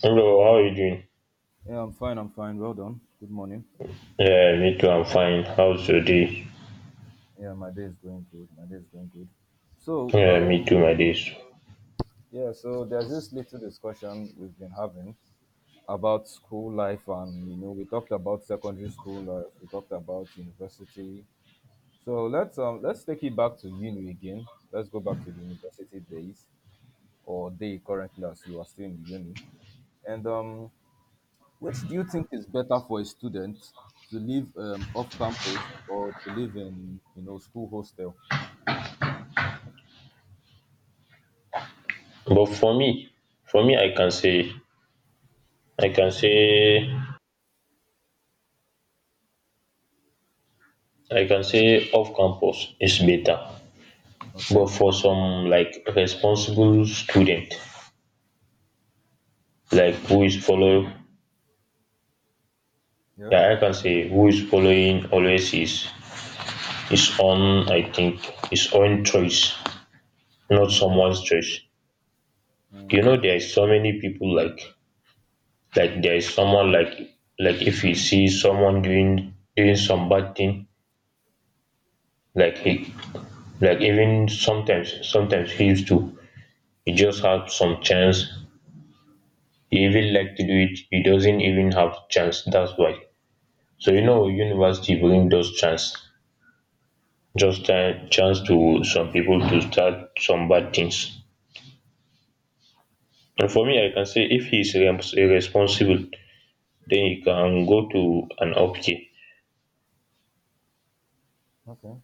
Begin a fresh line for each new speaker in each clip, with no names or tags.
Hello, how are you doing?
Yeah, I'm fine. I'm fine. Well done. Good morning.
Yeah, me too, I'm fine. How's your day?
Yeah, my day is going good. My day is going good. So,
Yeah, me
um,
too, my days.
yeah, so there's this little discussion we've been having about school life, and you know, we talked about secondary school life. We talked about university. So let's take it back to uni again. Let's go back to the university days or day currently as you are still in the uni. And which do you think is better for a student to live off campus or to live in you know school hostel?
But for me, I can say, I can say, I can say off campus is better. But
Okay.
for some like responsible student, like who is follow,
Yeah.
yeah, I can say who is following always is his own, I think, his own choice, not
Okay.
someone's choice. You
Mm,
know, there is so many people like there is someone like if he sees someone doing some bad thing like he like even sometimes he used to he just have some chance he even like to do it he doesn't even have chance, that's why. So you
true.
know university bring those chance, just a chance to
Mm,
some
yes. Yes.
people
Yes.
to start some bad things. And for me I can say if irresponsible then he can go to an okay.
Okay.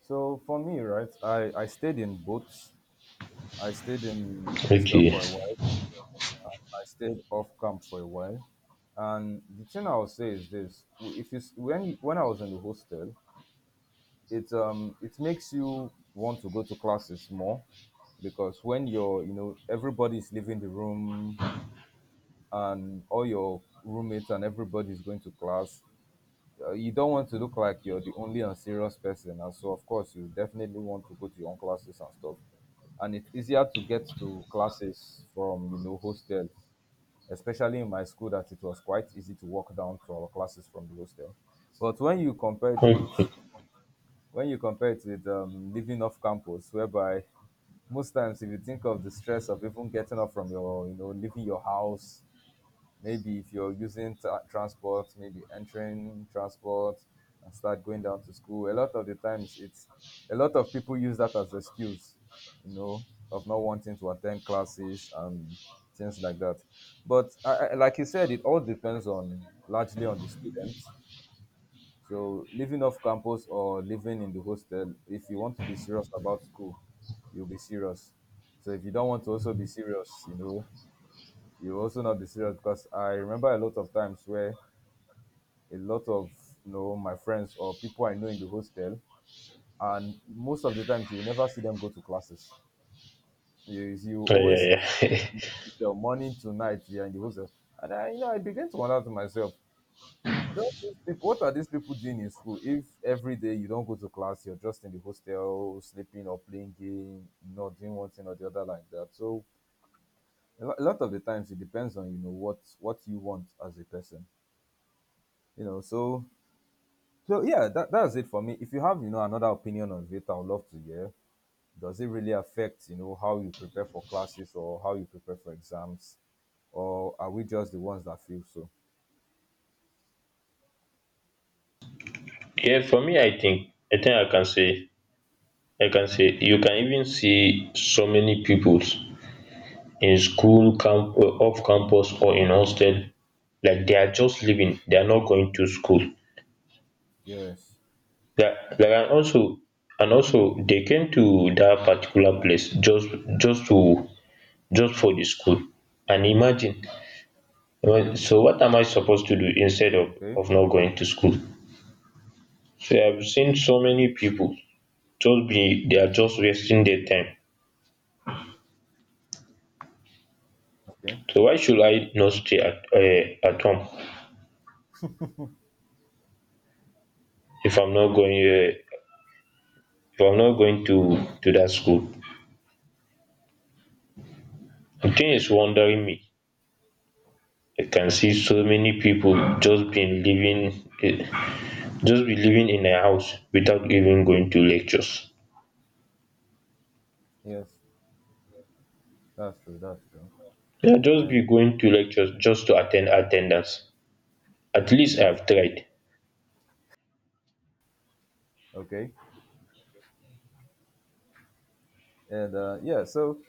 So for me, right, I stayed in boats. I stayed in hostel
Okay.
for a while. I stayed off camp for a while. And the thing I'll say is this: w- if you s- when you, when I was in the hostel, it makes you want to go to classes more because when you're you know everybody's leaving the room and all your roommates and everybody's going to class, you don't want to look like you're the only unserious person, and so of course you definitely want to go to your own classes and stuff, and it's easier to get to classes from you know hostel, especially in my school that it was quite easy to walk down to our classes from the hostel. But when you compare it
Okay.
with when you compare it with living off campus, whereby most times, if you think of the stress of even getting up from your you know leaving your house. Maybe if you're using transport, maybe entering transport and start going down to school. A lot of the times, it's a lot of people use that as excuse, you know, of not wanting to attend classes and things like that. But like you said, it all depends on largely on the students. So living off campus or living in the hostel, if you want to be serious about school, you'll be serious. So if you don't want to also be serious, you know, you will also not be serious, because I remember a lot of times where a lot of you know my friends or people I know in the hostel, and most of the times you will never see them go to classes. You
Yeah,
always
yeah, yeah.
the morning to night they are in the hostel, and I you know I begin to wonder to myself, don't these people, what are these people doing in school? If every day you don't go to class, you're just in the hostel sleeping or playing game, not doing one thing or the other like that. So a lot of the times it depends on you know what you want as a person you know so. So yeah, that's it for me. If you have, you know, another opinion on it, I would love to hear. Does it really affect, you know, how you prepare for classes or how you prepare for exams? Or are we just the ones that feel so?
Yeah, for me, I think I can say you can even see so many pupils in school camp, off campus or in hostel, like they are just living, they are not going to school.
Yes.
That like, and also, and also they came to that particular place just to just for the school. And imagine, well, so what am I supposed to do instead of
Okay.
not going to school? So I've seen so many people just be they are just wasting their time.
Okay.
So why should I not stay at home if I'm not going if I'm not going to that school? The thing is wondering me. I can see so many people just been living, eh, just be living in a house without even going to lectures.
Yes. That's true. That's true.
Yeah, just
And
be going to lectures just to attend attendance. At least I
mm,
have tried.
okay. And yeah, so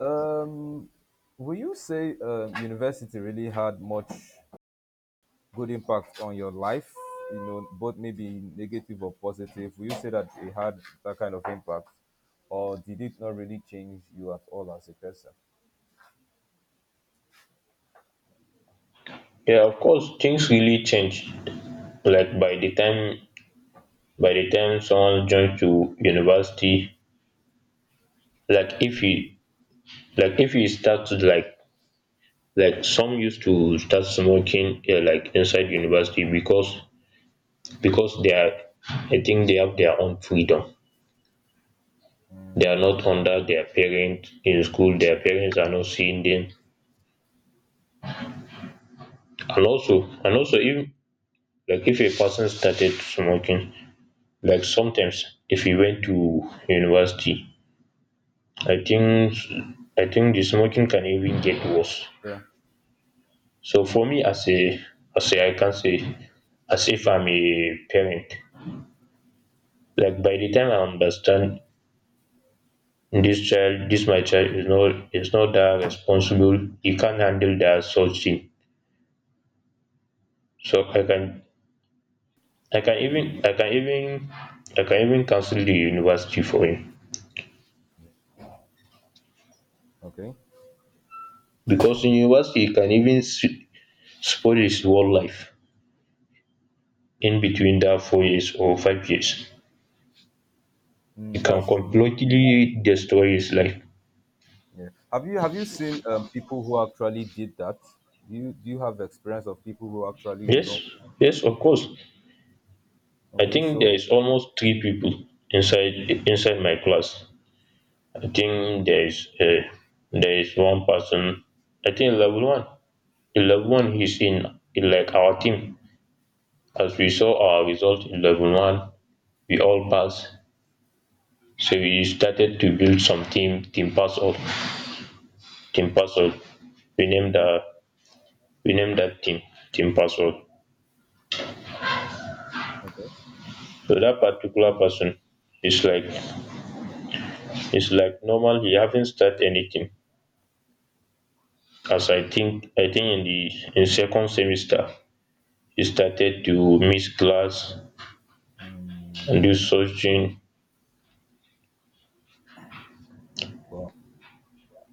um will you say university really had much good impact on your life? You know, both maybe negative or positive. Will you say that it had that kind of impact, or did it not really change you at all as a person?
Yeah, of course things really change. Like by the time someone joins to university, like if he like if he starts to like some used to start smoking, like inside university because they are. I think they have their own freedom, they are not under their parents in school, their parents are not seeing them. And also, and also if like if a person started smoking, like sometimes if he went to university, i think I think the smoking can even get worse.
Yeah.
So for me as a I can say as if I'm a parent, like by the time I understand this child, this my child is not that responsible. He can't handle that such thing. So I can I can even I can even cancel the university for him,
Okay.
because in university he can spoil his whole life in between that 4 years or 5 years. He
Mm,
can
that's true.
completely destroy his life.
Yeah. Have you seen people who actually did that? Do you have experience of people who actually you
Yes,
know?
yes, of
o-
course. I
Okay.
think there
So
is almost three people inside my class. I think there is a there is one person. I think level one. In level one, he's in like our team. As we saw our result in level one, we all passed. So we started to build some team, team puzzle. We named
yeah.
the we named that team team puzzle.
Okay.
So that particular person is like it's like normal. He haven't started anything. As I think in the in second semester, he started to miss class Lusochine,
Wow.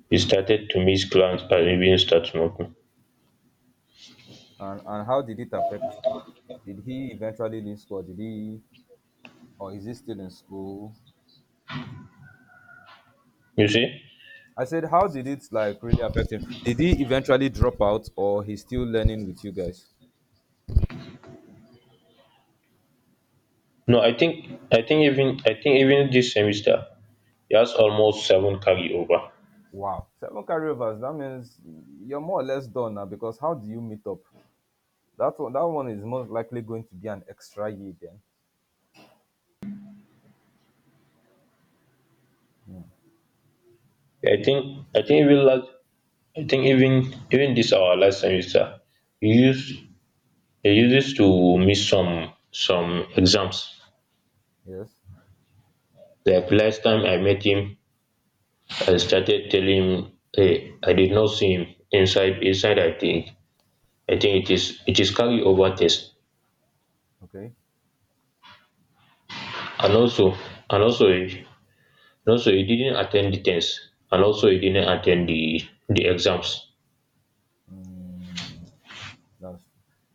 he started to miss class and even start smoking.
And how did it affect? Did he eventually leave school? Did he or is he still in school?
You see?
I said, how did it like really affect him? Did he eventually drop out, or he's still learning with you guys?
No, I think even this semester he has almost seven carryover.
Wow, seven carryovers. That means you're more or less done now. Because how do you meet up? That one is most likely going to be an extra year then.
I think even last I think even even this our last semester he used he uses to miss some exams.
Yes.
Like last time I met him, I started telling him, hey, I did not see him inside I think. I think it is carryover test.
Okay.
And also, and also no, so he didn't attend the tests, and also he didn't attend the exams.
That's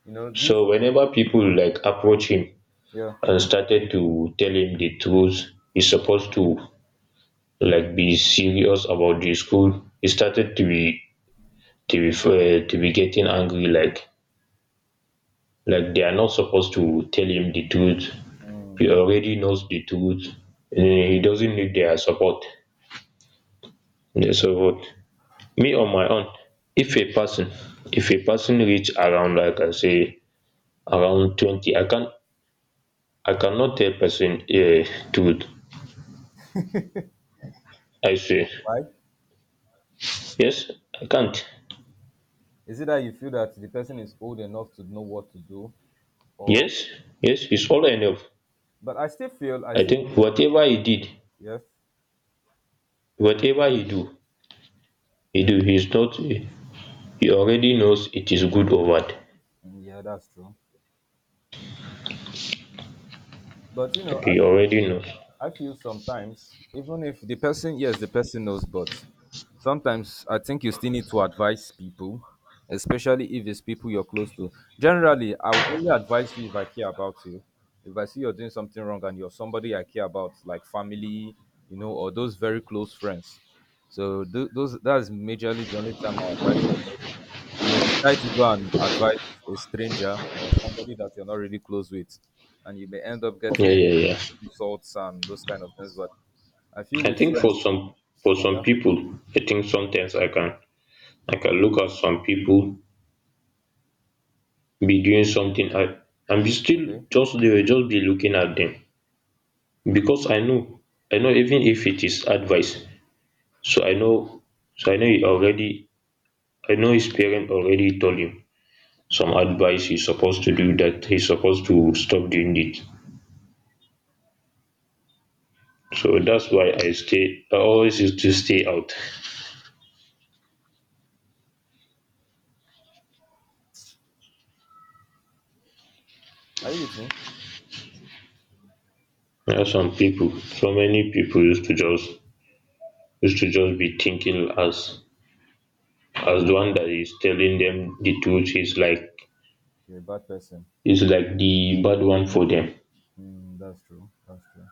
you know this.
So whenever people like approach him
Yeah.
and started to tell him the truth, he's supposed to like be serious about the school. He started to be getting angry, like they are not supposed to tell him the truth. He already knows the truth, and he doesn't need their support. Yeah. So me on my own, if a person if a person reach around, like I say, around 20, I can't, I cannot tell person truth. I say,
Why?
yes, I can't.
Is it that you feel that the person is old enough to know what to do, or?
Yes, yes, it's all enough.
But I still feel. I
I
still.
think
Feel,
whatever he did,
yes.
whatever he do, he do. He's not, he already knows it is good or bad.
Mm, yeah, that's true. But you know,
He already knows.
I feel sometimes, even if the person, yes, the person knows, but sometimes I think you still need to advise people, especially if it's people you're close to. Generally, I will only advise you if I care about you. If I see you're doing something wrong and you're somebody I care about, like family, you know, or those very close friends. So those that's majorly the only time I'll advise you, because you may decide to go and advise a stranger or somebody that you're not really close with, and you may end up
Yeah,
getting
yeah, yeah.
insults and those kind of things. But I feel
I
with
think
friends,
for some
yeah,
people, I think sometimes I can look at some people be doing something, I, and be still
okay.
just they will just be looking at them because I know even if it is advice, so I know he already I know his parent already told him some advice he's supposed to do, that he's supposed to stop doing it. So that's why I always used to stay out.
Are you with me?
There are some people, so many people used to just be thinking as the one that is telling them the truth
You're a bad person.
is like the bad one for them.
Mm, that's true. That's true.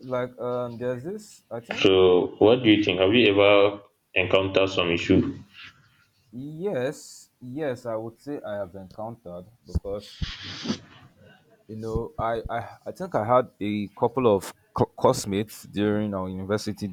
There's this. I think
So what do you think? Have you ever encountered some issue?
yes, yes. I would say I have encountered because you know I think I had a couple of classmates during our university